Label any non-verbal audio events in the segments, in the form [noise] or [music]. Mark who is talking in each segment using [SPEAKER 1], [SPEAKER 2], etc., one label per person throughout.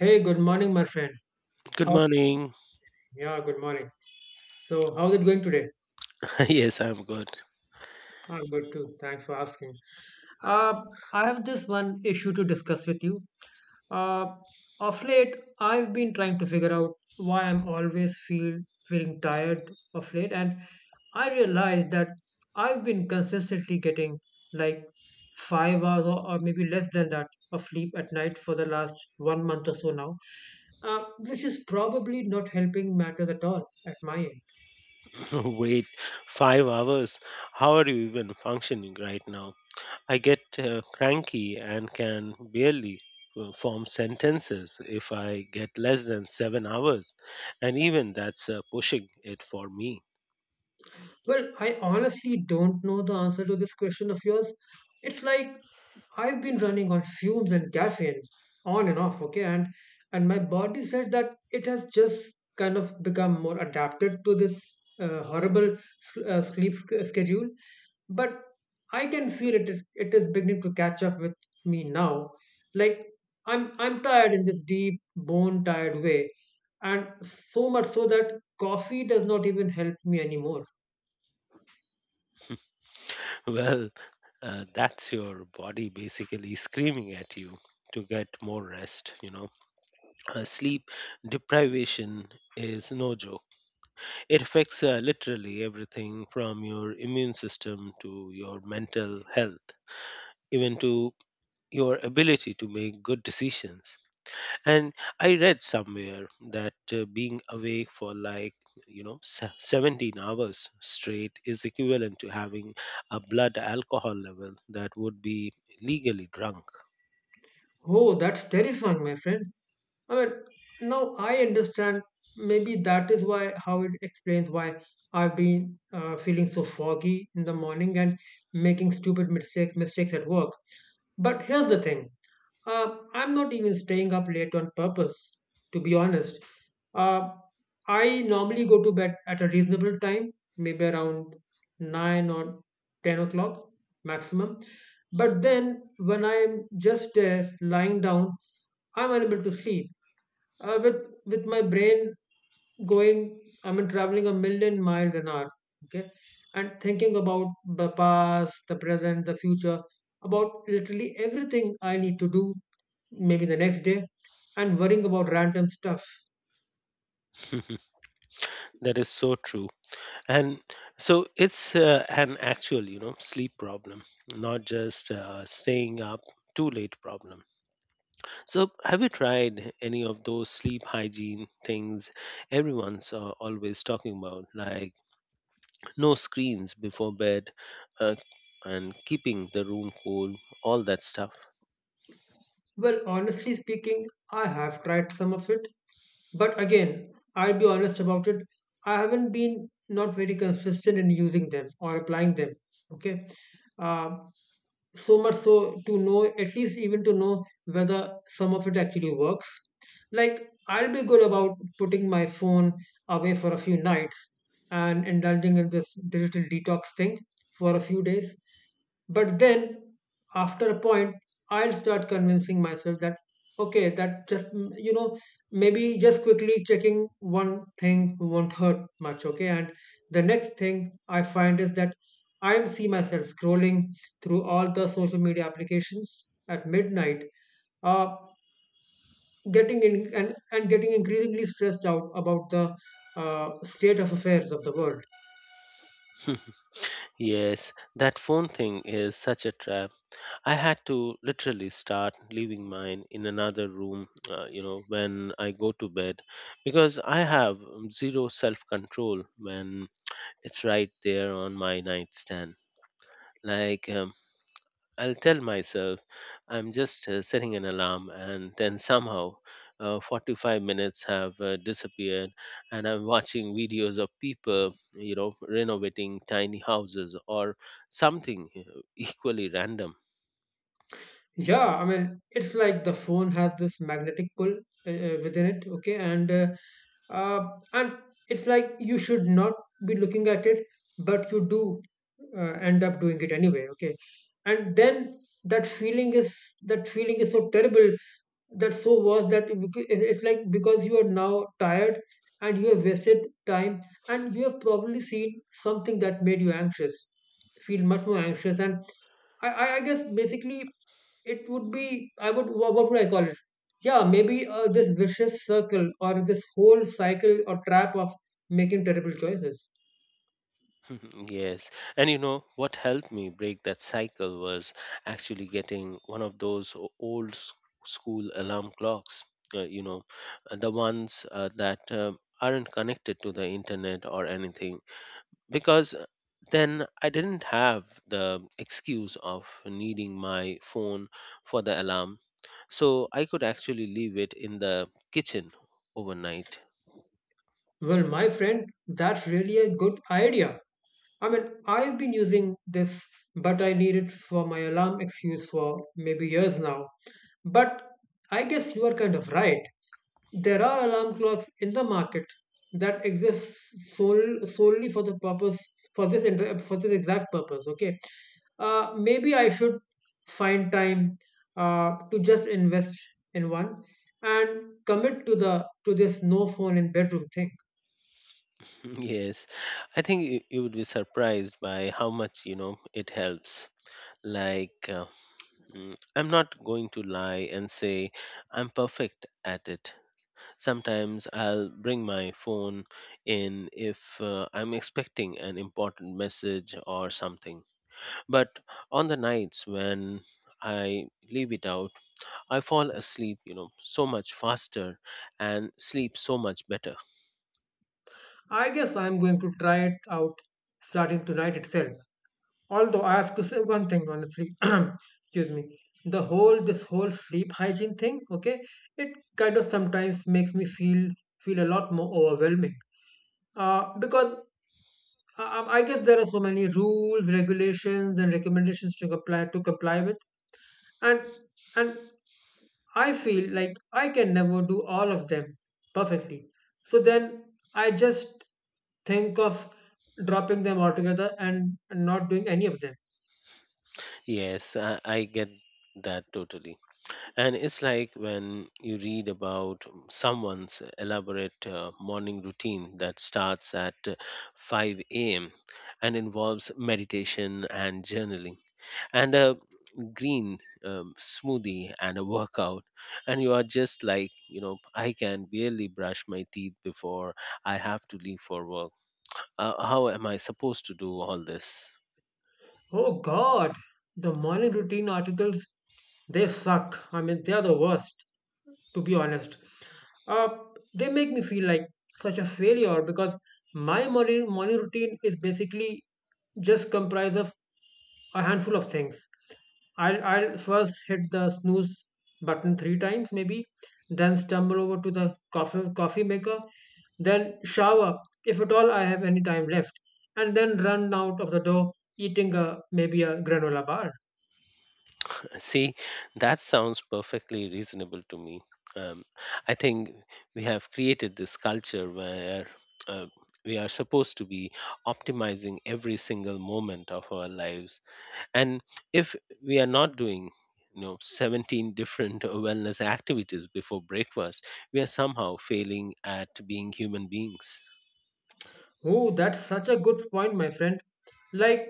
[SPEAKER 1] Hey, good morning, my friend.
[SPEAKER 2] Good
[SPEAKER 1] How?
[SPEAKER 2] morning.
[SPEAKER 1] Yeah, good morning. So, how's it going today?
[SPEAKER 2] [laughs] Yes, I'm good.
[SPEAKER 1] I'm good too. Thanks for asking. Uh, I have this one issue to discuss with you. Uh, of late, I've been trying to figure out why I'm always feel feeling tired of late, and I realized that I've been consistently getting like 5 hours or, maybe less than that of sleep at night for the last one month or so now. Which is probably not helping matters at all at my end.
[SPEAKER 2] [laughs] Wait, 5 hours. How are you even functioning right now? I get cranky and can barely form sentences if I get less than 7 hours. And even that's pushing it for me. [laughs]
[SPEAKER 1] Well, I honestly don't know the answer to this question of yours. It's like I've been running on fumes and caffeine on and off, okay, and my body said that it has just kind of become more adapted to this horrible sleep schedule. But I can feel it is beginning to catch up with me now. Like I'm tired in this deep bone tired way, and so much so that coffee does not even help me anymore.
[SPEAKER 2] Well, that's your body basically screaming at you to get more rest, you know. Sleep deprivation is no joke. It affects literally everything from your immune system to your mental health, even to your ability to make good decisions. And I read somewhere that being awake for like 17 hours straight is equivalent to having a blood alcohol level that would be legally drunk.
[SPEAKER 1] Oh, that's terrifying, my friend. I mean, now I understand. Maybe that is why how it explains why I've been feeling so foggy in the morning and making stupid mistakes at work. But here's the thing. I'm not even staying up late on purpose, to be honest. Uh, I normally go to bed at a reasonable time, maybe around 9 or 10 o'clock maximum. But then when I'm just there lying down, I'm unable to sleep with my brain going I mean traveling a million miles an hour, okay, and thinking about the past, the present, the future, about literally everything I need to do maybe the next day, and worrying about random stuff.
[SPEAKER 2] [laughs] That is so true. And so it's an actual, you know, sleep problem, not just staying up too late problem. So have you tried any of those sleep hygiene things everyone's always talking about, like no screens before bed, uh, and keeping the room cool, all that stuff?
[SPEAKER 1] Well, honestly speaking, I have tried some of it, but again, I'll be honest about it. I haven't been not very consistent in using them or applying them. Okay. Um so much so to know, at least even to know whether some of it actually works. Like I'll be good about putting my phone away for a few nights and indulging in this digital detox thing for a few days, but then, after a point, I'll start convincing myself that, okay, that just, mm, you know, maybe just quickly checking one thing won't hurt much, okay? And the next thing I find is that I see myself scrolling through all the social media applications at midnight, uh, getting in and getting increasingly stressed out about the state of affairs of the world.
[SPEAKER 2] [laughs] Yes, that phone thing is such a trap. I had to literally start leaving mine in another room, you know, when I go to bed because I have zero self control when it's right there on my nightstand. Like, I'll tell myself I'm just setting an alarm, and then somehow 45 minutes have disappeared, and I'm watching videos of people, you know, renovating tiny houses or something equally random.
[SPEAKER 1] Yeah, I mean, it's like the phone has this magnetic pull within it, okay? Uh, and it's like you should not be looking at it, but you do end up doing it anyway, okay? And then that feeling is that feeling is so terrible, that's so worse that it's like because you are now tired and you have wasted time and you have probably seen something that made you anxious feel much more anxious, and I guess basically it would be I would wha- what would I call it yeah, maybe this vicious circle or this whole cycle or trap of making terrible choices.
[SPEAKER 2] Mhm, yes. And you know what helped me break that cycle was actually getting one of those old school alarm clocks, uh, you know, the ones that aren't connected to the internet or anything, because then I didn't have the excuse of needing my phone for the alarm. So I could actually leave it in the kitchen overnight.
[SPEAKER 1] Well, my friend, that's really a good idea. I mean, I've been using this, but I need it for my alarm excuse for maybe years now. But I guess you are kind of right. There are alarm clocks in the market that exist solely for the purpose, for this exact purpose. Okay, maybe I should find time to just invest in one and commit to the to this no phone in bedroom thing.
[SPEAKER 2] Yes, I think you would be surprised by how much, you know, it helps. Like, I'm not going to lie and say I'm perfect at it. Sometimes I'll bring my phone in if I'm expecting an important message or something. But on the nights when I leave it out, I fall asleep, you know, so much faster and sleep so much better.
[SPEAKER 1] I guess I'm going to try it out starting tonight itself. Although I have to say one thing honestly, [clears throat] excuse me, the whole this whole sleep hygiene thing, okay, it kind of sometimes makes me feel a lot more overwhelming. Because I guess there are so many rules, regulations, and recommendations to comply with, and and I feel like I can never do all of them perfectly. So then I just think of dropping them altogether and not doing any of them.
[SPEAKER 2] Yes, I get that totally. And it's like when you read about someone's elaborate morning routine that starts at 5 a.m. and involves meditation and journaling and a green smoothie and a workout. And you are just like, you know, I can barely brush my teeth before I have to leave for work. How am I supposed to do all this?
[SPEAKER 1] Oh God, the morning routine articles, they suck. I mean, they are the worst, to be honest. Uh, they make me feel like such a failure because my morning routine is basically just comprised of a handful of things. I'll first hit the snooze button three times, maybe, then stumble over to the coffee maker, then shower, if at all I have any time left, and then run out of the door eating maybe a granola bar.
[SPEAKER 2] See, that sounds perfectly reasonable to me. Um, I think we have created this culture where uh, we are supposed to be optimizing every single moment of our lives. And if we are not doing, you know, 17 [laughs] different wellness activities before breakfast, we are somehow failing at being human beings.
[SPEAKER 1] Oh, that's such a good point, my friend. Like,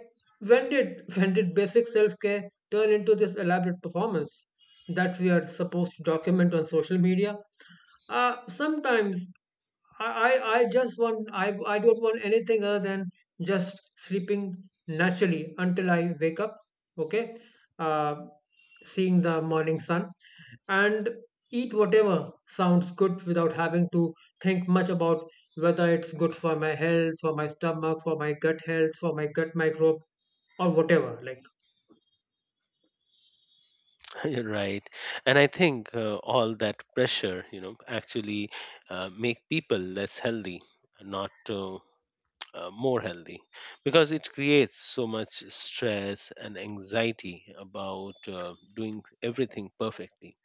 [SPEAKER 1] when did [laughs] when did basic self-care turn into this elaborate performance that we are supposed to document on social media? Sometimes I, I just want I don't want anything other than just sleeping naturally until I wake up, okay? Uh, seeing the morning sun and eat whatever sounds good without having to think much about whether it's good for my health, for my stomach, for my gut health, for my gut microbe, or whatever. Like,
[SPEAKER 2] [laughs] You're right. And I think all that pressure, you know, actually make people less healthy, not more healthy, because it creates so much stress and anxiety about doing everything perfectly.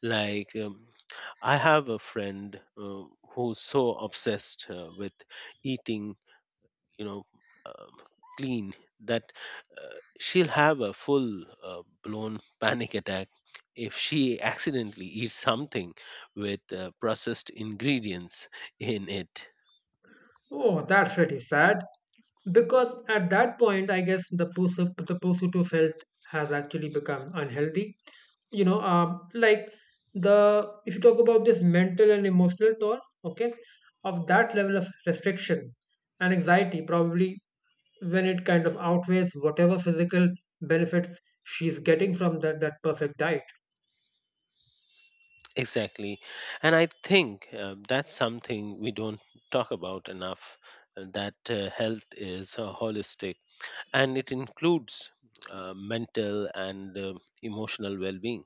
[SPEAKER 2] Like, I have a friend who's so obsessed with eating, you know, uh, clean, that she'll have a full blown [laughs] panic attack if she accidentally eats something with processed ingredients in it.
[SPEAKER 1] oh, that's pretty sad. Because at that point, I guess the pursuit of health has actually become unhealthy. You know, like the if you talk about this mental and emotional toll, okay, of that level of restriction and anxiety, probably when it kind of outweighs whatever physical benefits she's getting from that perfect diet.
[SPEAKER 2] Exactly. And I think that's something we don't talk about enough, that health is holistic and it includes mental and emotional well being,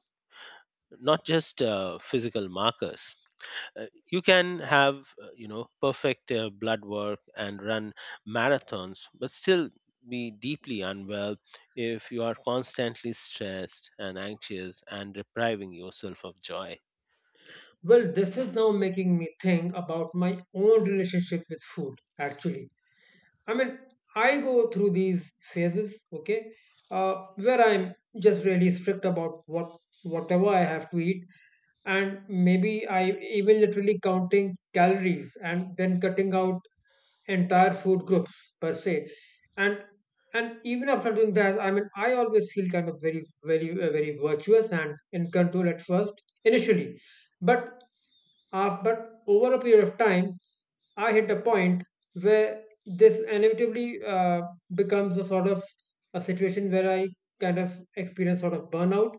[SPEAKER 2] not just physical markers. Uh, you can have, you know, perfect blood work and run marathons, but still be deeply unwell if you are constantly stressed and anxious and depriving yourself of joy.
[SPEAKER 1] Well, this is now making me think about my own relationship with food, actually. I mean, I go through these phases, okay, where I'm just really strict about whatever I have to eat, and maybe I even literally counting calories and then cutting out entire food groups per se, and even after doing that, I mean, I always feel kind of very virtuous and in control at first initially, but but over a period of time, I hit a point where this inevitably becomes a sort of a situation where I kind of experience sort of burnout,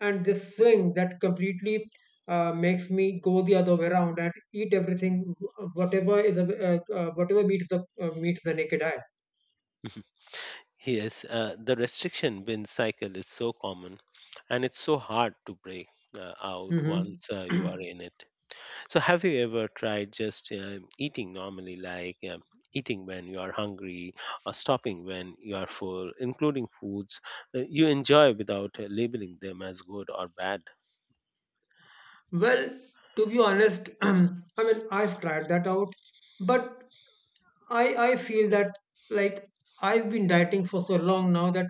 [SPEAKER 1] and this swing that completely makes me go the other way around and eat everything, whatever meets the naked eye.
[SPEAKER 2] Yes, the restriction bin cycle is so common and it's so hard to break out
[SPEAKER 1] Hmm.
[SPEAKER 2] once you are in it. So, have you ever tried just eating normally, like eating when you are hungry or stopping when you are full, including foods you enjoy without labeling them as good or bad?
[SPEAKER 1] Well, to be honest, [clears throat] I mean, I've tried that out, but I feel that like I've been dieting for so long now that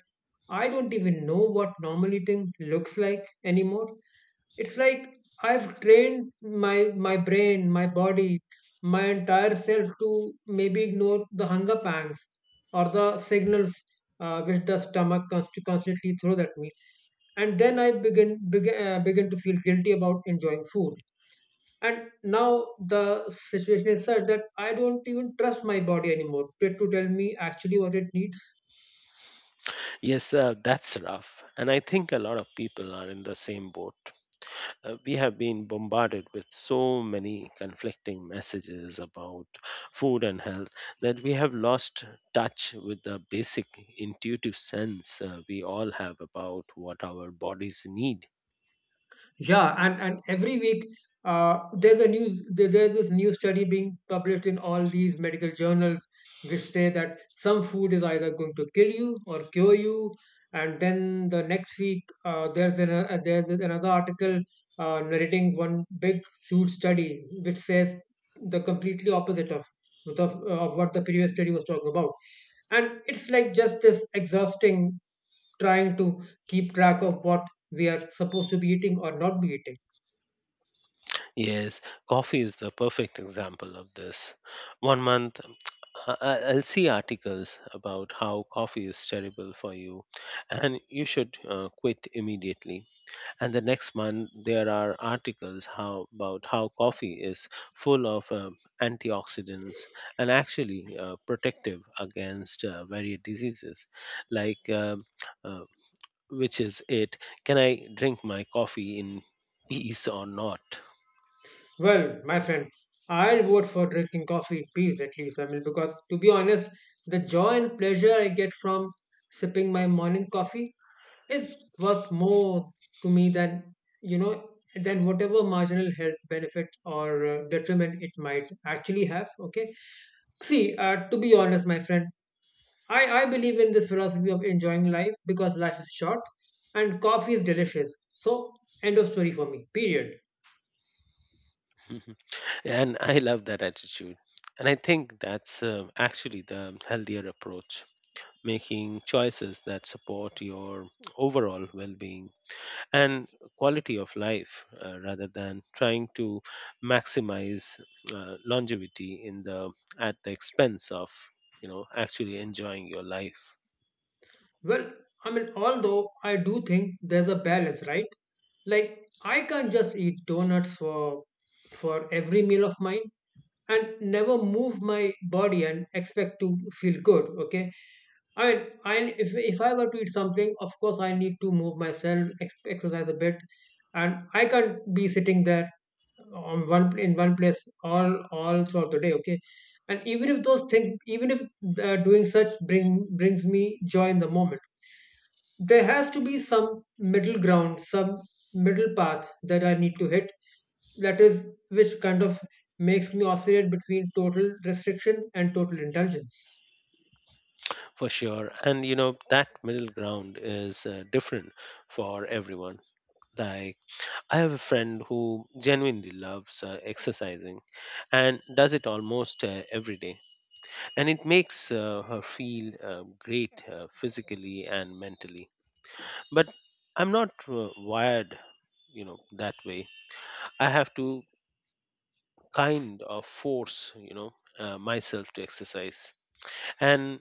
[SPEAKER 1] I don't even know what normal eating looks like anymore. It's like I've trained my brain, my body, my entire self to maybe ignore the hunger pangs or the signals which the stomach constantly throws at me, and then I begin to feel guilty about enjoying food, and now the situation is such that I don't even trust my body anymore to tell me actually what it needs.
[SPEAKER 2] Yes, that's rough. And I think a lot of people are in the same boat. We have been bombarded with so many conflicting messages about food and health that we have lost touch with the basic intuitive sense we all have about what our bodies need.
[SPEAKER 1] Yeah, and every week there's this new study being published in all these medical journals which say that some food is either going to kill you or cure you, and then the next week there's another article narrating one big huge study which says the completely opposite of, of what the previous study was talking about, and it's like just this exhausting trying to keep track of what we are supposed to be eating or not be eating.
[SPEAKER 2] Yes, coffee is the perfect example of this. 1 month, I'll see articles about how coffee is terrible for you and you should quit immediately, and the next month there are articles how about how coffee is full of antioxidants and actually protective against various diseases, like uh, which is it? Can I drink my coffee in peace or not?
[SPEAKER 1] Well, my friend, I'll vote for drinking coffee in peace at least. I mean, because to be honest, the joy and pleasure I get from sipping my morning coffee is worth more to me than, you know, than whatever marginal health benefit or detriment it might actually have. Okay. See, to be honest, my friend, I believe in this philosophy of enjoying life because life is short and coffee is delicious. So, end of story for me. Period.
[SPEAKER 2] [laughs] And I love that attitude. And I think that's actually the healthier approach, making choices that support your overall well-being and quality of life, rather than trying to maximize longevity in the at the expense of, you know, actually enjoying your life.
[SPEAKER 1] Well, I mean, although I do think there's a balance, right? Like I can't just eat donuts for every meal of mine and never move my body and expect to feel good. Okay, I mean, I if I were to eat something, of course I need to move myself, exercise a bit, and I can't be sitting there on one in one place all throughout the day. Okay, and even if those things, even if doing such bring brings me joy in the moment, there has to be some middle ground, some middle path that I need to hit. That is, which kind of makes me oscillate between total restriction and total indulgence.
[SPEAKER 2] For sure. And you know that middle ground is different for everyone. Like, I have a friend who genuinely loves exercising and does it almost every day, and it makes her feel great physically and mentally. But I'm not wired, you know, that way. I have to kind of force, you know, myself to exercise. And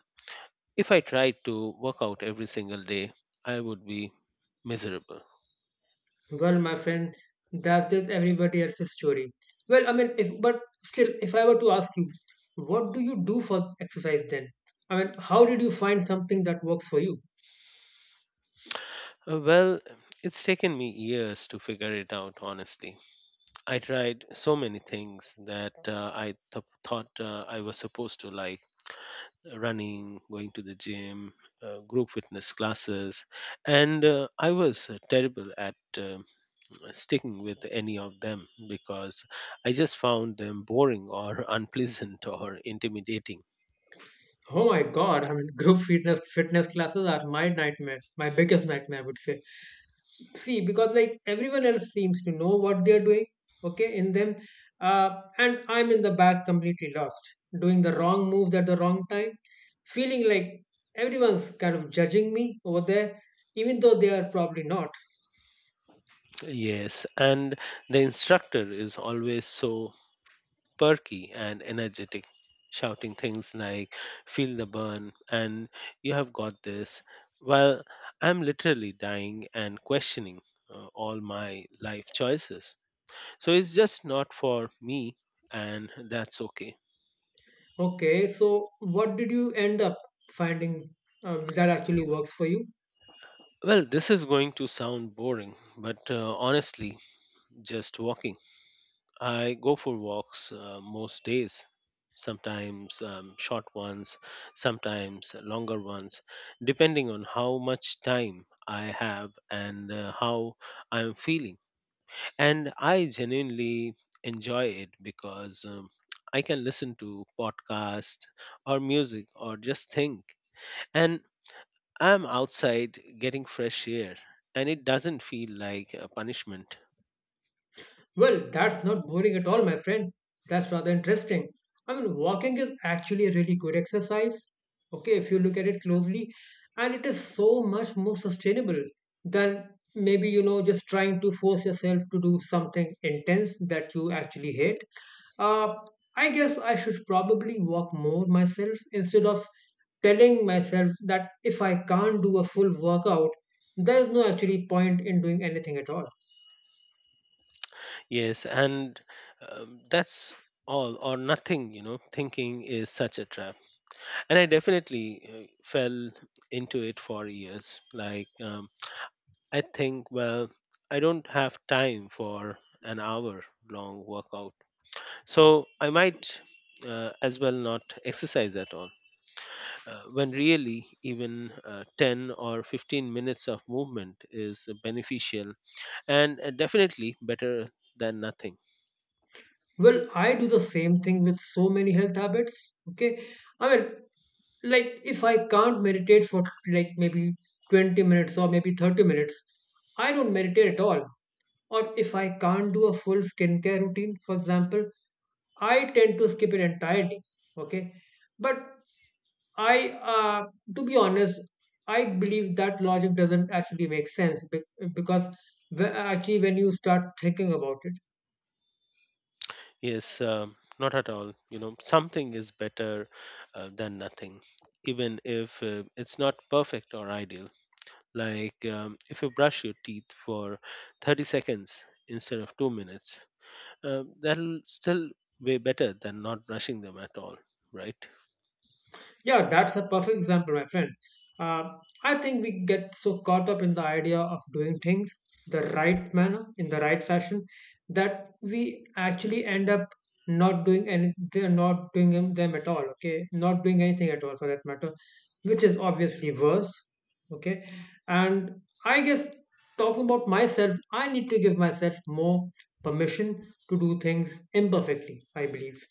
[SPEAKER 2] if I tried to work out every single day, I would be miserable.
[SPEAKER 1] Well, my friend, that's just everybody else's story. Well, I mean, if but still, if I were to ask you, what do you do for exercise then? I mean, how did you find something that works for you?
[SPEAKER 2] Well, it's taken me years to figure it out, honestly. I tried so many things that I thought I was supposed to like, running, going to the gym, group fitness classes, and I was terrible at sticking with any of them because I just found them boring or [laughs] unpleasant or intimidating.
[SPEAKER 1] Oh my God! I mean, group fitness classes are my nightmare, my biggest nightmare, I would say. See, because like everyone else seems to know what they're doing, okay, in them, uh, and I'm in the back completely lost, doing the wrong move at the wrong time, feeling like everyone's kind of judging me over there, even though they are probably not.
[SPEAKER 2] Yes, and the instructor is always so perky and energetic, shouting things like, "Feel the burn," and "You have got this." While I'm literally dying and questioning all my life choices. So it's just not for me, and that's okay.
[SPEAKER 1] Okay, so what did you end up finding that actually works for you?
[SPEAKER 2] Well, this is going to sound boring, but honestly, just walking. I go for walks most days, sometimes short ones, sometimes longer ones, depending on how much time I have and how I'm feeling. And I genuinely enjoy it because I can listen to podcast or music or just think. And I'm outside getting fresh air and it doesn't feel like a punishment.
[SPEAKER 1] Well, that's not boring at all, my friend. That's rather interesting. I mean, walking is actually a really good exercise. Okay, if you look at it closely, and it is so much more sustainable than, maybe, you know, just trying to force yourself to do something intense that you actually hate. Uh, I guess I should probably walk more myself instead of telling myself that if I can't do a full workout, there is no actually point in doing anything at all.
[SPEAKER 2] Yes, and that's all or nothing, you know, thinking is such a trap. And I definitely fell into it for years. Like, I think, well, I don't have time for an hour long workout. So I might as well not exercise at all, when really even 10 or 15 minutes of movement is beneficial and definitely better than nothing.
[SPEAKER 1] Well, I do the same thing with so many health habits. Okay. I mean, like if I can't meditate for like maybe 20 minutes or maybe 30 minutes, I don't meditate at all. Or if I can't do a full skincare routine, for example, I tend to skip it entirely. Okay. But I, uh, to be honest, I believe that logic doesn't actually make sense because actually when you start thinking about it,
[SPEAKER 2] Yes, not at all, you know, something is better than nothing, even if it's not perfect or ideal. Like, if you brush your teeth for 30 seconds instead of 2 minutes, that'll still way better than not brushing them at all, right?
[SPEAKER 1] yeah, that's a perfect example, my friend. I think we get so caught up in the idea of doing things the right manner, in the right fashion, that we actually end up not doing any, they're not doing them at all. Okay, not doing anything at all for that matter, which is obviously worse. Okay, and I guess talking about myself, I need to give myself more permission to do things imperfectly, I believe.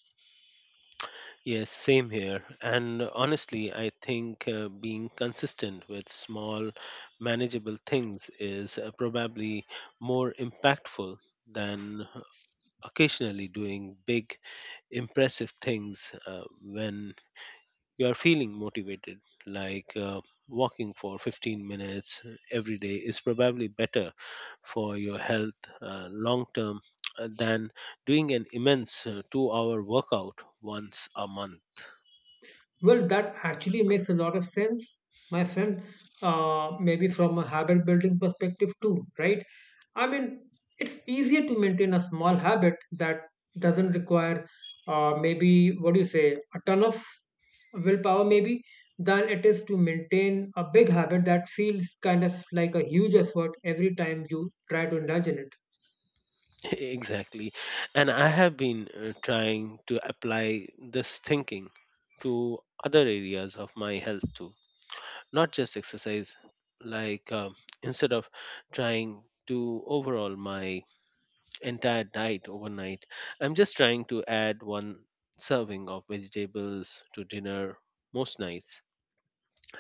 [SPEAKER 2] Yes, same here. And honestly, I think being consistent with small, manageable things is probably more impactful than occasionally doing big, impressive things when you are feeling motivated. Like, walking for 15 minutes every day is probably better for your health, long term, than doing an immense 2 hour workout once a month.
[SPEAKER 1] Well, that actually makes a lot of sense, my friend. Maybe from a habit building perspective too, right? I mean, it's easier to maintain a small habit that doesn't require, maybe, what do you say, a ton of willpower maybe, than it is to maintain a big habit that feels kind of like a huge effort every time you try to indulge in it.
[SPEAKER 2] Exactly. And I have been trying to apply this thinking to other areas of my health too, not just exercise. Like, instead of trying to overhaul my entire diet overnight, I'm just trying to add one serving of vegetables to dinner most nights.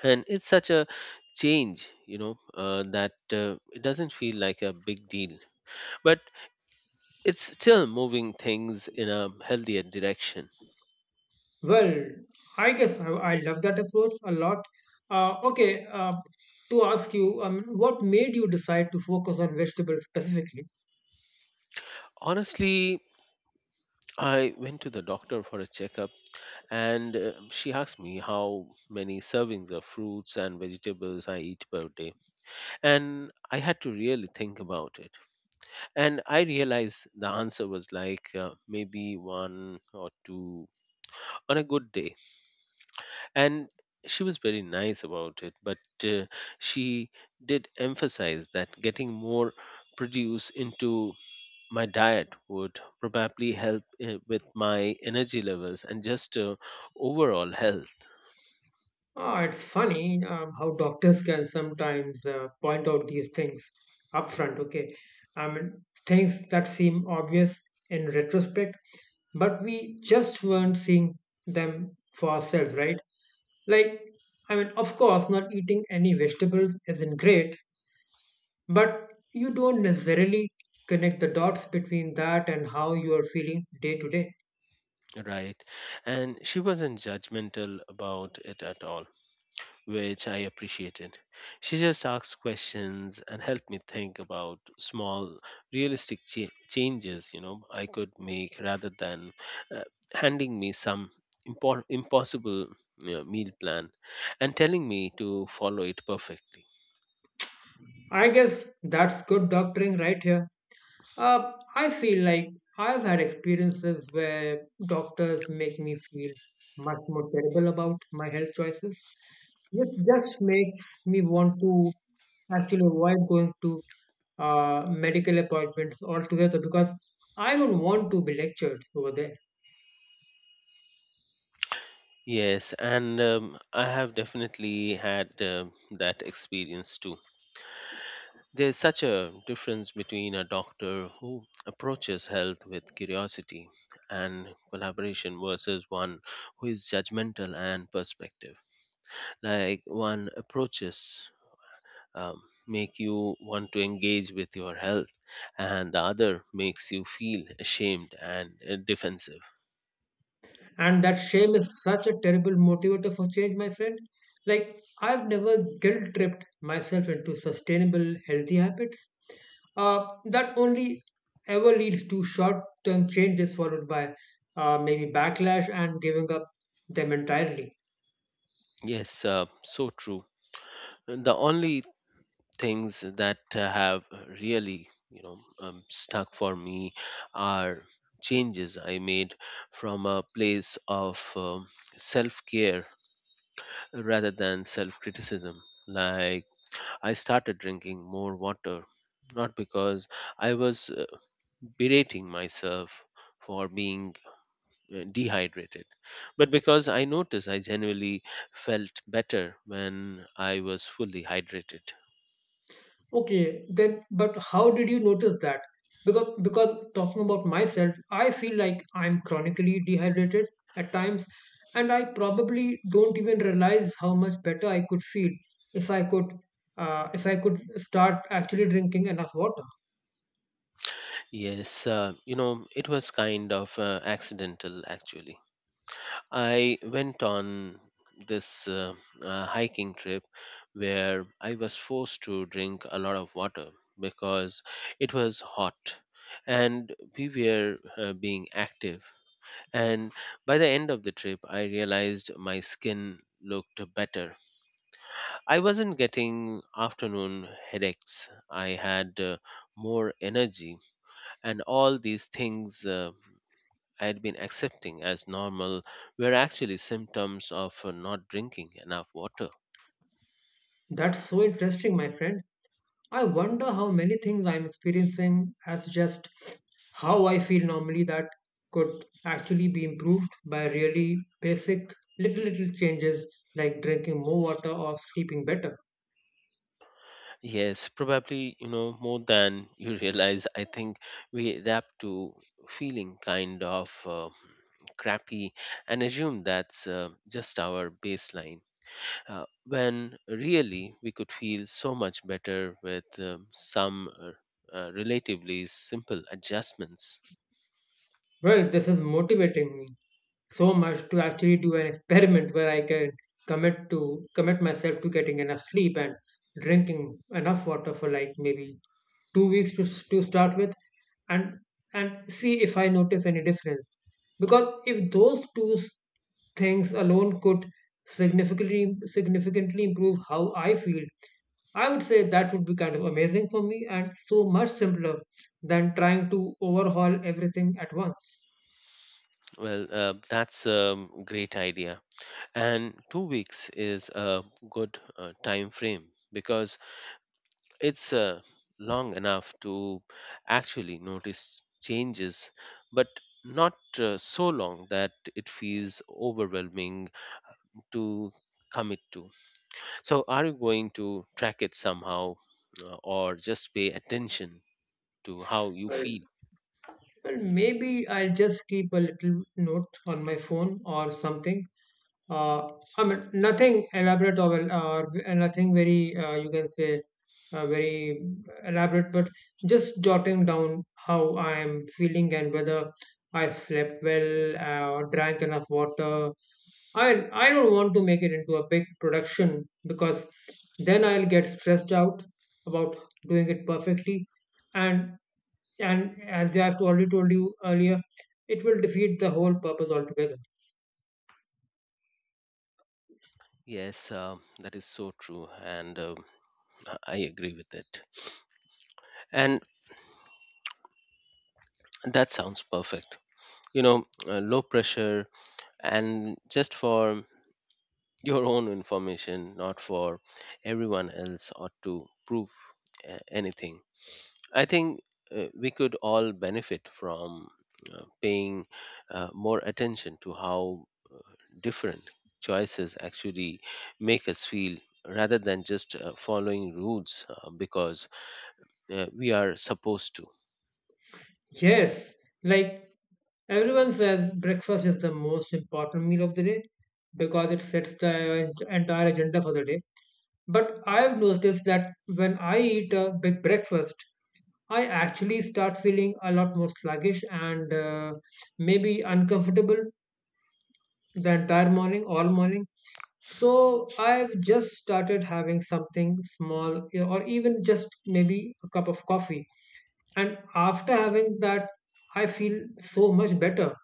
[SPEAKER 2] And it's such a change, you know, that it doesn't feel like a big deal. But it's still moving things in a healthier direction.
[SPEAKER 1] Well, I guess I love that approach a lot. Uh, okay, uh, to ask you, what made you decide to focus on vegetables specifically?
[SPEAKER 2] Honestly, I went to the doctor for a checkup, and she asked me how many servings of fruits and vegetables I eat per day. And I had to really think about it. And I realized the answer was like maybe one or two on a good day. And she was very nice about it, but uh, she did emphasize that getting more produce into my diet would probably help with my energy levels and just overall health.
[SPEAKER 1] Ah, it's funny how doctors can sometimes point out these things upfront. Okay, I mean, things that seem obvious in retrospect, but we just weren't seeing them for ourselves, right? Like, I mean, of course, not eating any vegetables isn't great, but you don't necessarily connect the dots between that and how you are feeling day to day.
[SPEAKER 2] Right. And she wasn't judgmental about it at all, which I appreciated. She just asked questions and helped me think about small, realistic changes, you know, I could make, rather than uh, handing me some impossible, you know, meal plan and telling me to follow it perfectly.
[SPEAKER 1] I guess that's good doctoring right here. I feel like I've had experiences where doctors make me feel much more terrible about my health choices, which just makes me want to actually avoid going to medical appointments altogether because I don't want to be lectured over there.
[SPEAKER 2] Yes, and I have definitely had that experience too. There's such a difference between a doctor who approaches health with curiosity and collaboration versus one who is judgmental and perspective. Like one approaches um, make you want to engage with your health, and the other makes you feel ashamed and defensive.
[SPEAKER 1] And that shame is such a terrible motivator for change, my friend. Like, I've never guilt tripped myself into sustainable, healthy habits. That only ever leads to short term changes followed by, maybe, backlash and giving up them entirely.
[SPEAKER 2] Yes, so true. The only things that have really stuck for me are changes I made from a place of self-care rather than self-criticism, like I started drinking more water, not because I was berating myself for being dehydrated, but because I noticed I genuinely felt better when I was fully hydrated.
[SPEAKER 1] Okay, then, but how did you notice that? Because talking about myself, I feel like I'm chronically dehydrated at times, and I probably don't even realize how much better I could feel if I could, if I could start actually drinking enough water.
[SPEAKER 2] Yes, you know, it was kind of accidental actually. I went on this hiking trip where I was forced to drink a lot of water because it was hot and we were being active. And by the end of the trip, I realized my skin looked better. I wasn't getting afternoon headaches, I had more energy and all these things. I had been accepting as normal were actually symptoms of not drinking enough water.
[SPEAKER 1] That's so interesting, my friend. I wonder how many things I'm experiencing as just how I feel normally that could actually be improved by really basic little changes like drinking more water or sleeping better.
[SPEAKER 2] Yes, probably, you know, more than [laughs] you realize, I think we adapt to feeling kind of crappy and assume that's just our baseline. When really we could feel so much better with some relatively simple adjustments.
[SPEAKER 1] Well, this is motivating me so much to actually do an experiment where I can commit myself to getting enough sleep and drinking enough water for like maybe 2 weeks to start with, and and see if I notice any difference. Because if those things alone could significantly improve how I feel, I would say that would be kind of amazing for me and so much simpler than trying to overhaul everything at once.
[SPEAKER 2] Well, that's a great idea. And 2 weeks is a good time frame because it's long enough to actually notice changes, but not so long that it feels overwhelming to commit to. So are you going to track it somehow, or just pay attention to how you
[SPEAKER 1] Well,
[SPEAKER 2] feel?
[SPEAKER 1] well, maybe I'll just keep a little note on my phone or something. Uh, I mean, nothing elaborate or, or nothing very, you can say, very elaborate, but just jotting down how I am feeling and whether I slept well or drank enough water. I don't want to make it into a big production because then I'll get stressed out about doing it perfectly, and and as I've already told you earlier, it will defeat the whole purpose altogether.
[SPEAKER 2] Yes, that is so true, and I agree with it, and that sounds perfect. You know, low pressure and just for your own information, not for everyone else or to prove anything. I think we could all benefit from paying more attention to how different choices actually make us feel rather than just following rules, because we are supposed to.
[SPEAKER 1] Yes, like everyone says, breakfast is the most important meal of the day because it sets the entire agenda for the day. But I've noticed that when I eat a big breakfast, I actually start feeling a lot more sluggish and, maybe, uncomfortable the entire morning, all morning. So I've just started having something small, you know, or even just maybe a cup of coffee. And after having that, I feel so much better.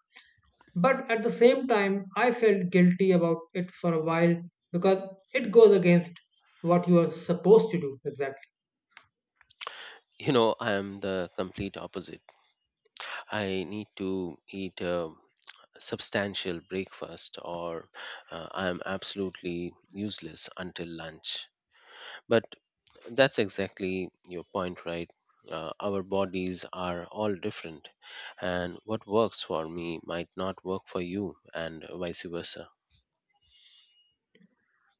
[SPEAKER 1] But at the same time, I felt guilty about it for a while because it goes against what you are supposed to do exactly.
[SPEAKER 2] You know, I am the complete opposite. I need to eat substantial breakfast, or I am absolutely useless until lunch. But that's exactly your point, right? Our bodies are all different, and what works for me might not work for you, and vice versa.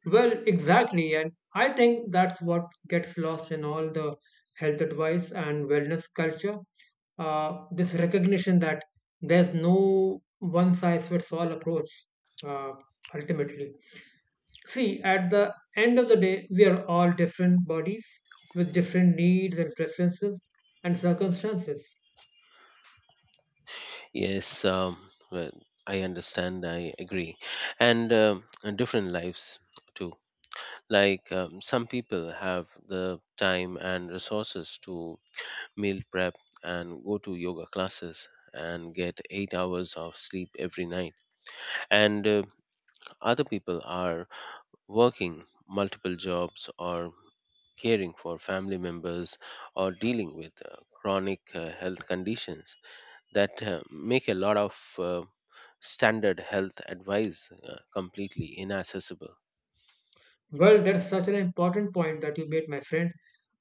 [SPEAKER 1] Well, exactly. And I think that's what gets lost in all the health advice and wellness culture. This recognition that there's no one size fits all approach, uh, ultimately. See, at the end of the day, we are all different bodies with different needs and preferences and circumstances.
[SPEAKER 2] Yes, well, I understand, I agree. And different lives too. Like some people have the time and resources to meal prep, and go to yoga classes and get 8 hours of sleep every night. And other people are working multiple jobs, or caring for family members, or dealing with chronic health conditions that make a lot of standard health advice completely inaccessible.
[SPEAKER 1] Well, that's such an important point that you made, my friend.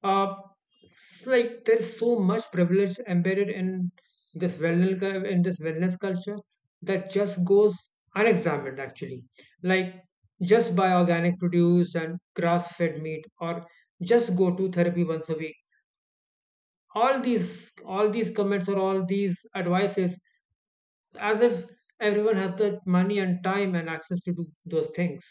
[SPEAKER 1] Uh, it's like there's so much privilege embedded in in this wellness culture that just goes unexamined, actually. Like, just buy organic produce and grass-fed meat, or just go to therapy once a week. All these comments or all these advices, as if everyone has the money and time and access to do those things.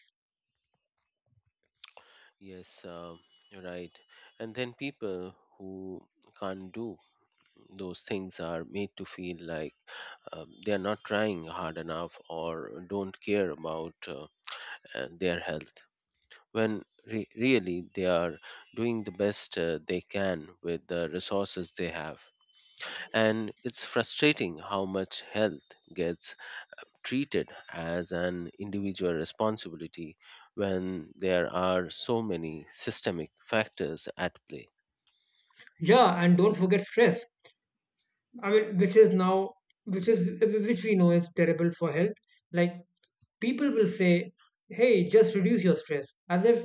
[SPEAKER 2] Yes, you're right. And then people who can't do those things are made to feel like they are not trying hard enough or don't care about their health, when really they are doing the best they can with the resources they have. And it's frustrating how much health gets treated as an individual responsibility when there are so many systemic factors at play.
[SPEAKER 1] Yeah, and don't forget stress. I mean, which is now, which is, which we know is terrible for health. Like, people will say, hey, just reduce your stress, as if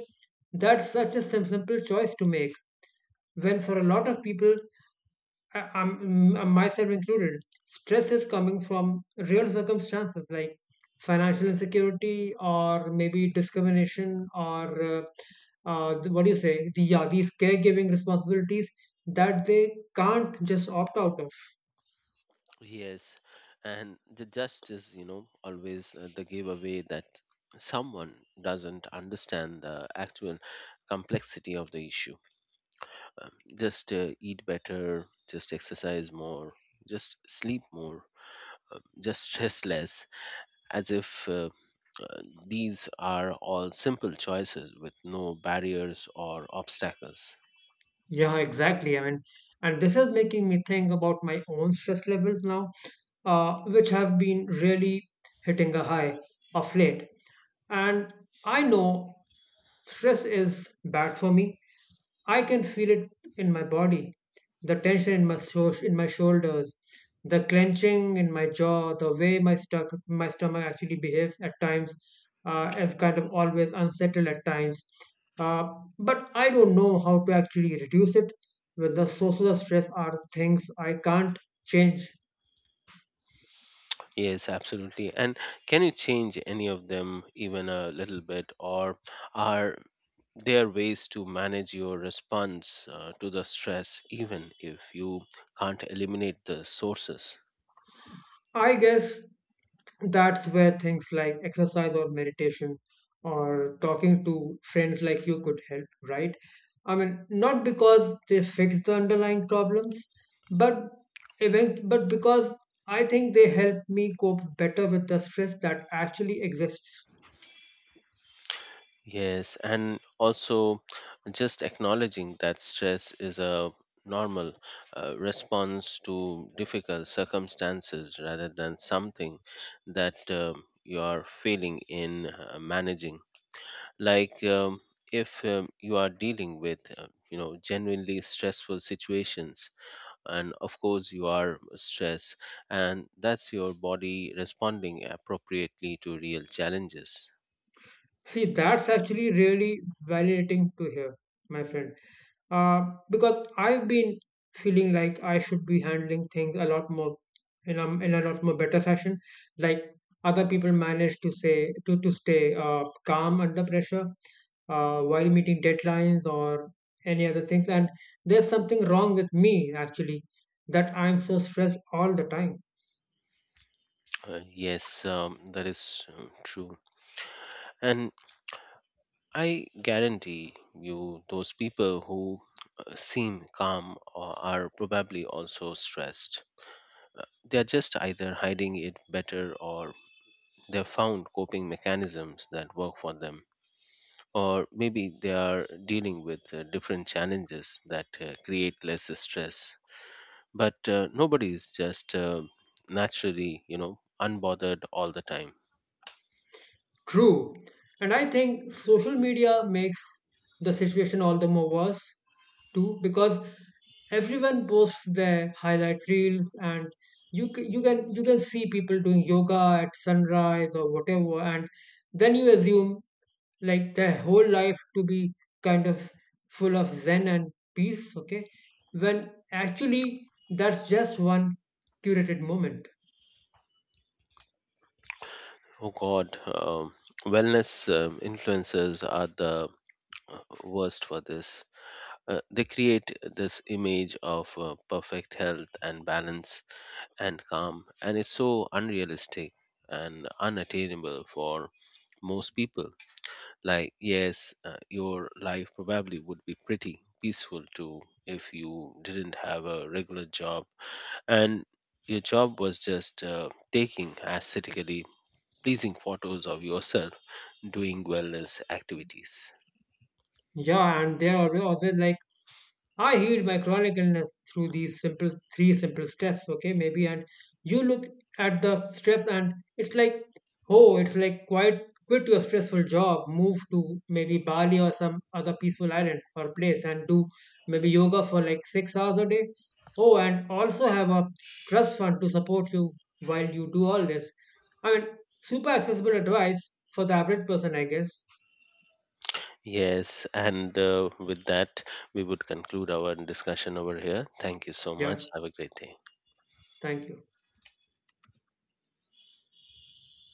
[SPEAKER 1] that's such a simple choice to make. When for a lot of people, I'm myself included, stress is coming from real circumstances like financial insecurity or maybe discrimination or, what do you say? Yeah, these caregiving responsibilities that they can't just opt out of.
[SPEAKER 2] Yes, and the justice, you know, always the giveaway that someone doesn't understand the actual complexity of the issue. Um, just eat better, just exercise more, just sleep more, just stress less, as if uh, these are all simple choices with no barriers or obstacles.
[SPEAKER 1] Yeah, exactly. I mean, and this is making me think about my own stress levels now, which have been really hitting a high of late. And I know stress is bad for me, I can feel it in my body, the tension in my in my shoulders, the clenching in my jaw, the way my stuck my stomach actually behaves at times, is kind of always unsettled at times. Uh, but I don't know how to actually reduce it. With the sources of stress are things I can't change.
[SPEAKER 2] Yes, absolutely. And can you change any of them even a little bit, or are there ways to manage your response to the stress even if you can't eliminate the sources?
[SPEAKER 1] I guess that's where things like exercise or meditation or talking to friends like you could help, right? I mean, not because they fix the underlying problems, but but because I think they help me cope better with the stress that actually exists.
[SPEAKER 2] Yes, and also just acknowledging that stress is a normal response to difficult circumstances rather than something that you are failing in managing. Like if you are dealing with you know genuinely stressful situations, and of course you are stressed, and that's your body responding appropriately to real challenges.
[SPEAKER 1] See, that's actually really validating to hear, my friend. uh, because I've been feeling like I should be handling things a lot more in a lot more better fashion. Like, other people manage to say to stay calm under pressure while meeting deadlines or any other things, and there's something wrong with me actually that I'm so stressed all the time.
[SPEAKER 2] Yes, that is true, and I guarantee you those people who seem calm or are probably also stressed. They are just either hiding it better, or they've found coping mechanisms that work for them, or maybe they are dealing with different challenges that create less stress. But nobody is just naturally, you know, unbothered all the time.
[SPEAKER 1] True, and I think social media makes the situation all the more worse too because everyone posts their highlight reels and you can see people doing yoga at sunrise or whatever, and then you assume like their whole life to be kind of full of zen and peace, okay, when actually that's just one curated moment.
[SPEAKER 2] Oh god, wellness influencers are the worst for this. They create this image of perfect health and balance and calm, and it's so unrealistic and unattainable for most people. Like yes, your life probably would be pretty peaceful too if you didn't have a regular job, and your job was just taking aesthetically pleasing photos of yourself doing wellness activities.
[SPEAKER 1] Yeah, and they're always like, I healed my chronic illness through these simple three simple steps, okay, maybe. And you look at the steps, and it's like, oh, it's like quit your stressful job, move to maybe Bali or some other peaceful island or place, and do maybe yoga for like 6 hours a day. Oh, and also have a trust fund to support you while you do all this. I mean, super accessible advice for the average person, I guess.
[SPEAKER 2] Yes, and with that we would conclude our discussion over here. Thank you so
[SPEAKER 1] Yeah,
[SPEAKER 2] much, have a great day.
[SPEAKER 1] thank you.